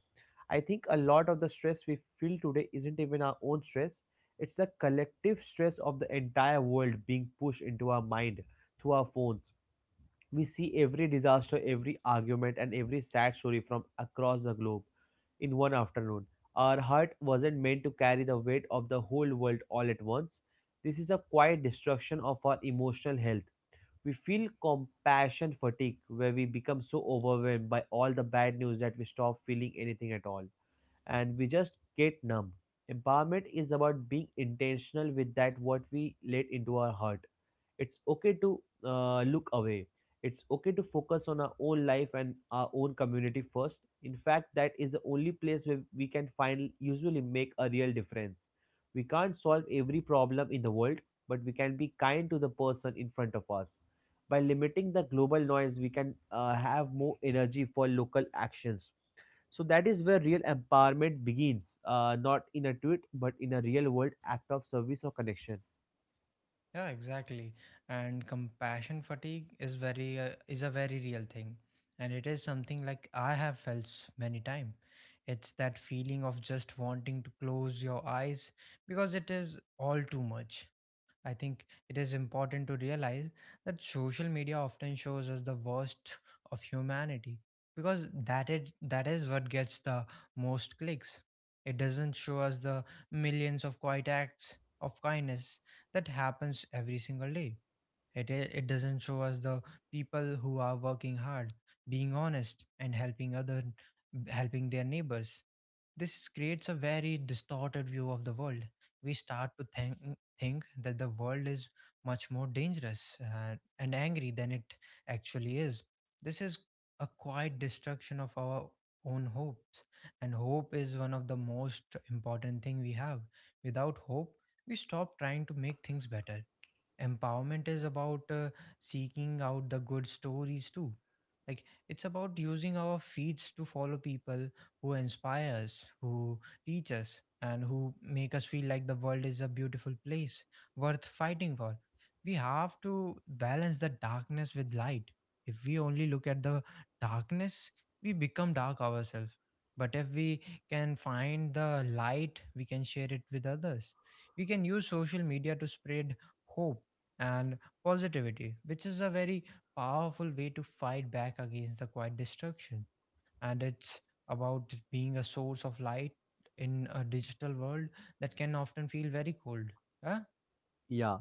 I think a lot of the stress we feel today isn't even our own stress, it's the collective stress of the entire world being pushed into our mind through our phones. We see every disaster, every argument, and every sad story from across the globe in one afternoon. Our heart wasn't meant to carry the weight of the whole world all at once. This is a quiet destruction of our emotional health. We feel compassion fatigue, where we become so overwhelmed by all the bad news that we stop feeling anything at all and we just get numb. Empowerment is about being intentional with that what we let into our heart. It's okay to look away. It's okay to focus on our own life and our own community first. In fact, that is the only place where we can find usually make a real difference. We can't solve every problem in the world, but we can be kind to the person in front of us. By limiting the global noise, we can have more energy for local actions. So that is where real empowerment begins, not in a tweet, but in a real world act of service or connection. Yeah, exactly. And compassion fatigue is very is a very real thing, and it is something like I have many time. It's that feeling of just wanting to close your eyes because it is all too much. I think it is important to realize that social media often shows us the worst of humanity because that is what gets the most clicks. It doesn't show us the millions of quiet acts of kindness that happens every single day. It doesn't show us the people who are working hard, being honest, and helping their neighbors. This creates a very distorted view of the world. We start to think that the world is much more dangerous and angry than it actually is. This is a quiet destruction of our own hopes, and hope is one of the most important thing we have. Without hope, we stop trying to make things better. Empowerment is about seeking out the good stories too. Like, it's about using our feeds to follow people who inspire us, who teach us, and who make us feel like the world is a beautiful place worth fighting for. We have to balance the darkness with light. If we only look at the darkness, we become dark ourselves. But if we can find the light, we can share it with others. We can use social media to spread hope and positivity, which is a very powerful way to fight back against the quiet destruction. And it's about being a source of light in a digital world that can often feel very cold. Yeah, Yeah.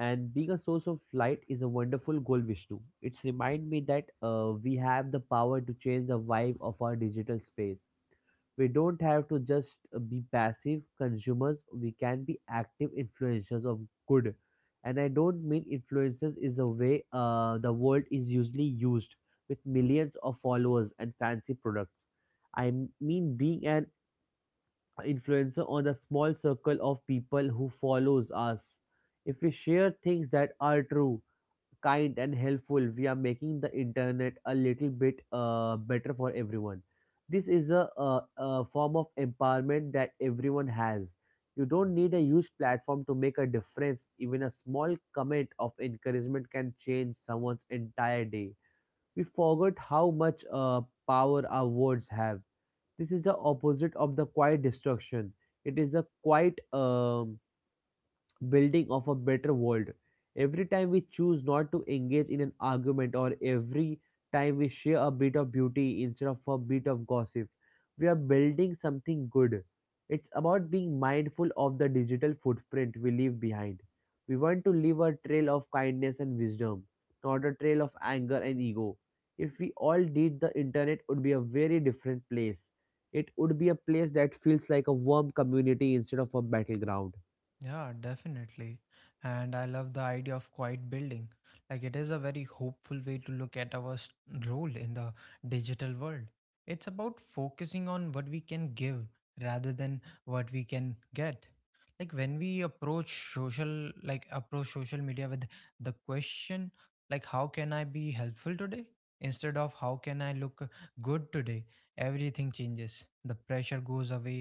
And being a source of light is a wonderful goal, Vishnu. It's remind me that we have the power to change the vibe of our digital space. We don't have to just be passive consumers. We can be active influencers of good. And I don't mean influencers is the way the world is usually used, with millions of followers and fancy products. I mean being an influencer on the small circle of people who follows us. If we share things that are true, kind and helpful, we are making the internet a little bit better for everyone. This is a form of empowerment that everyone has. You don't need a huge platform to make a difference. Even a small comment of encouragement can change someone's entire day. We forgot how much power our words have. This is the opposite of the quiet destruction. It is a quiet building of a better world. Every time we choose not to engage in an argument, or every time we share a bit of beauty instead of a bit of gossip, we are building something good. It's about being mindful of the digital footprint we leave behind. We want to leave a trail of kindness and wisdom, not a trail of anger and ego. If we all did, the internet would be a very different place. It would be a place that feels like a warm community instead of a battleground. Yeah, definitely. And I love the idea of quiet building. Like, it is a very hopeful way to look at our role in the digital world. It's about focusing on what we can give rather than what we can get. Like when we approach social like approach social media with the question, like, how can I be helpful today instead of how can I look good today, everything changes. The pressure goes away,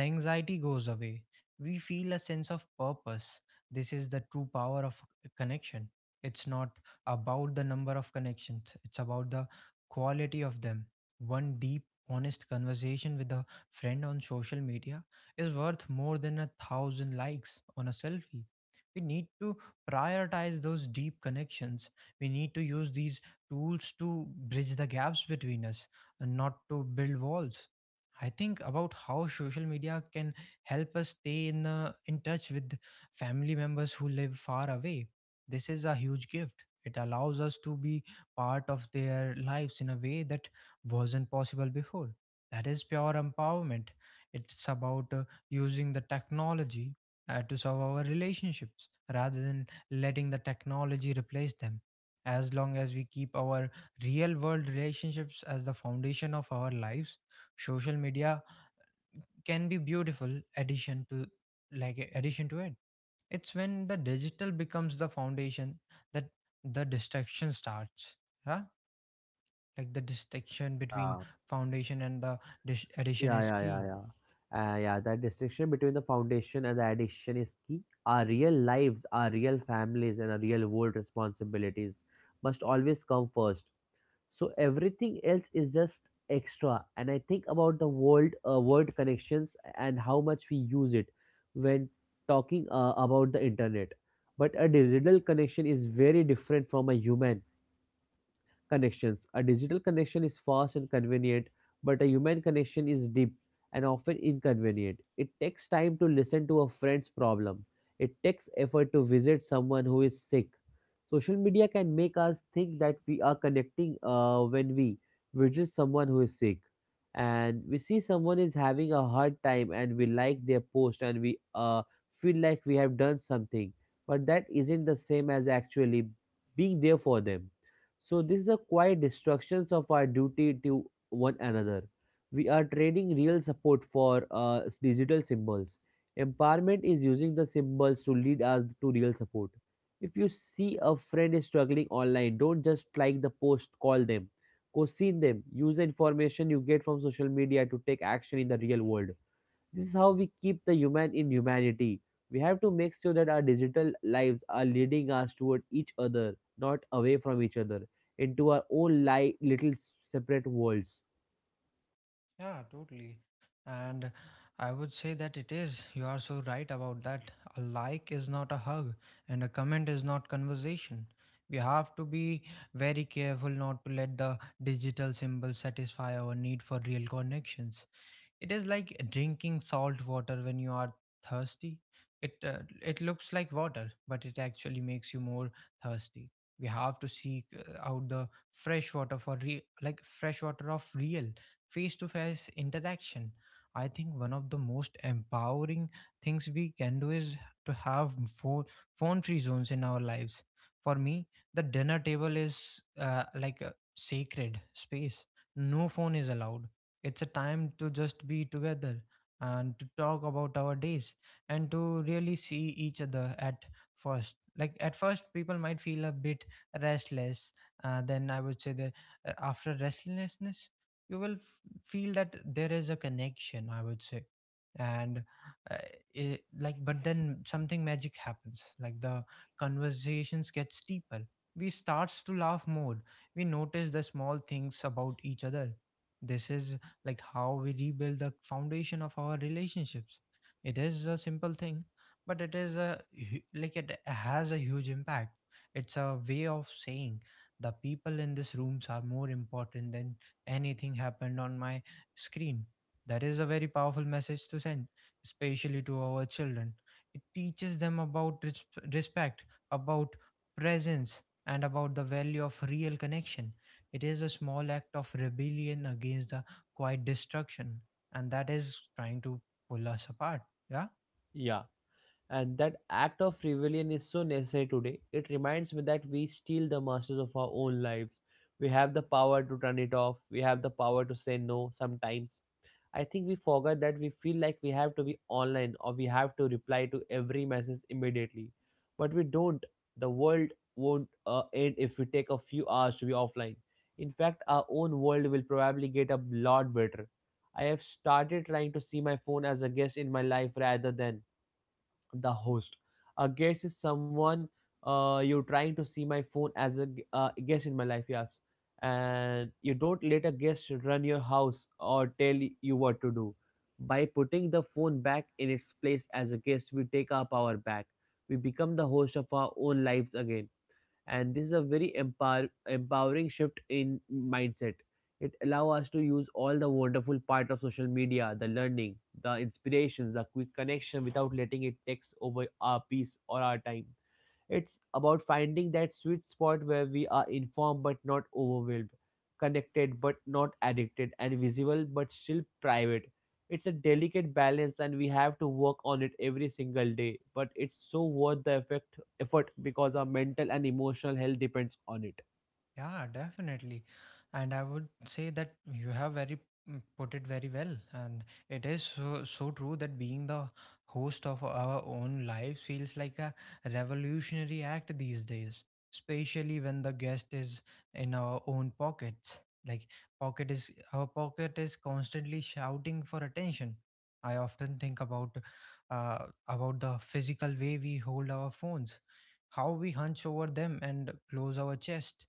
the anxiety goes away, we feel a sense of purpose. This is the true power of connection. It's not about the number of connections, it's about the quality of them. One deep, honest conversation with a friend on social media is worth more than a thousand likes on a selfie. We need to prioritize those deep connections. We need to use these tools to bridge the gaps between us and not to build walls. I think about how social media can help us stay in touch with family members who live far away. This is a huge gift. It allows us to be part of their lives in a way that wasn't possible before. That is pure empowerment. It's about using the technology to serve our relationships rather than letting the technology replace them. As long as we keep our real world relationships as the foundation of our lives, social media can be beautiful addition to it. It's when the digital becomes the foundation that the distraction starts. Huh? Like the distinction between Yeah. foundation and the addition Yeah, is yeah, yeah, key. yeah. Yeah, that distinction between the foundation and the addiction is key. Our real lives, our real families, and our real world responsibilities must always come first. So everything else is just extra. And I think about the world, world connections and how much we use it when talking about the internet. But a digital connection is very different from a human connections. A digital connection is fast and convenient, but a human connection is deep and often inconvenient. It takes time to listen to a friend's problem. It takes effort to visit someone who is sick. Social media can make us think that we are connecting when we visit someone who is sick, and we see someone is having a hard time and we like their post and we feel like we have done something, but that isn't the same as actually being there for them. So this is a quiet destructions of our duty to one another. We are trading real support for digital symbols. Empowerment is using the symbols to lead us to real support. If you see a friend is struggling online, don't just like the post, call them. Go them. Use the information you get from social media to take action in the real world. This is how we keep the human in humanity. We have to make sure that our digital lives are leading us toward each other, not away from each other, into our own little separate worlds. Yeah, totally. And I would say that it is. You are so right about that. A like is not a hug, and a comment is not conversation. We have to be very careful not to let the digital symbols satisfy our need for real connections. It is like drinking salt water when you are thirsty. It looks like water, but it actually makes you more thirsty. We have to seek out the fresh water for re- like fresh water of real face to face interaction. I think one of the most empowering things we can do is to have phone free zones in our lives. For me, the dinner table is like a sacred space. No phone is allowed. It's a time to just be together and to talk about our days and to really see each other at first. Like at first, people might feel a bit restless. Then I would say that after restlessness, you will feel that there is a connection. I would say, and uh, but then something magic happens. Like the conversations gets deeper. We starts to laugh more. We notice the small things about each other. This is like how we rebuild the foundation of our relationships. It is a simple thing, but it is a hu- like it has a huge impact. It's a way of saying the people in this rooms are more important than anything happened on my screen. That is a very powerful message to send, especially to our children. It teaches them about respect, about presence, and about the value of real connection. It is a small act of rebellion against the Quite destruction, and that is trying to pull us apart. Yeah. Yeah. And that act of rebellion is so necessary today. It reminds me that we still the masters of our own lives. We have the power to turn it off. We have the power to say no sometimes. I think we forget that we feel like we have to be online or we have to reply to every message immediately. But we don't. The world won't end if we take a few hours to be offline. In fact, our own world will probably get a lot better. I have started trying to see my phone as a guest in my life rather than the host. A guest is someone you're trying to see my phone as a guest in my life, yes. And you don't let a guest run your house or tell you what to do. By putting the phone back in its place as a guest, we take our power back. We become the host of our own lives again, and this is a very empowering shift in mindset. It allows us to use all the wonderful part of social media, the learning, the inspirations, the quick connection, without letting it takes over our peace or our time. It's about finding that sweet spot where we are informed but not overwhelmed, connected but not addicted, and visible but still private. It's a delicate balance and we have to work on it every single day, but it's so worth the effect effort because our mental and emotional health depends on it. Yeah, definitely. And I would say that you have very, mm, put it very well. And it is so, so true that being the host of our own lives feels like a revolutionary act these days, especially when the guest is in our own pockets. Like pocket is constantly shouting for attention. I often think about the physical way we hold our phones, how we hunch over them and close our chest,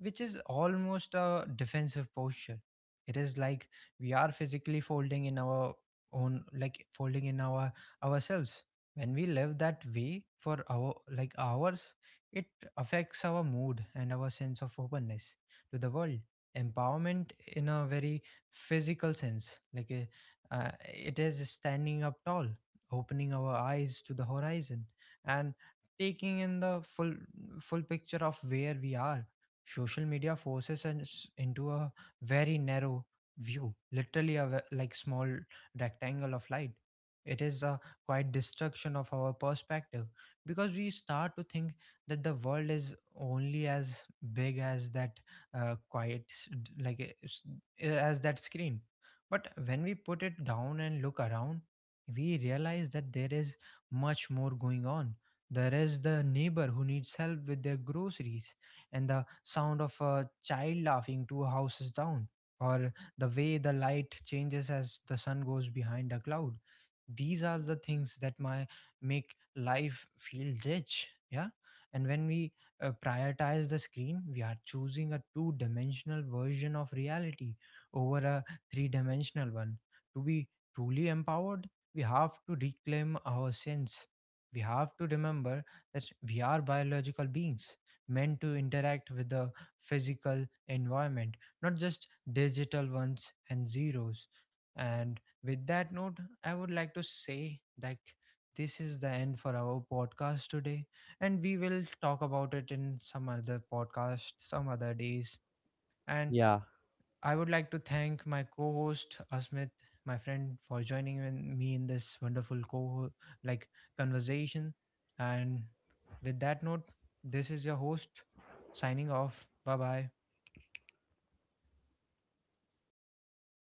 which is almost a defensive posture. It is like we are physically folding in our ourselves. When we live that way for our like hours, it affects our mood and our sense of openness to the world. Empowerment in a very physical sense, it is standing up tall, opening our eyes to the horizon, and taking in the full picture of where we are. Social media forces us into a very narrow view, literally a small rectangle of light. It is a quite destruction of our perspective because we start to think that the world is only as big as that quiet s- d- like s- eh, as that screen. But when we put it down and look around, we realize that there is much more going on. There is the neighbor who needs help with their groceries and the sound of a child laughing 2 houses down, or the way the light changes as the sun goes behind a cloud. These are the things that my make life feel rich. Yeah. And when we prioritize the screen, we are choosing a two dimensional version of reality over a three dimensional one. To be truly empowered, we have to reclaim our sense. We have to remember that we are biological beings, meant to interact with the physical environment, not just digital ones and zeros. And with that note, I would like to say that this is the end for our podcast today, and we will talk about it in some other podcast, some other days. And Yeah. I would like to thank my co host, Asmit, my friend, for me in this wonderful co like conversation. And with that note, this is your host signing off. Bye bye.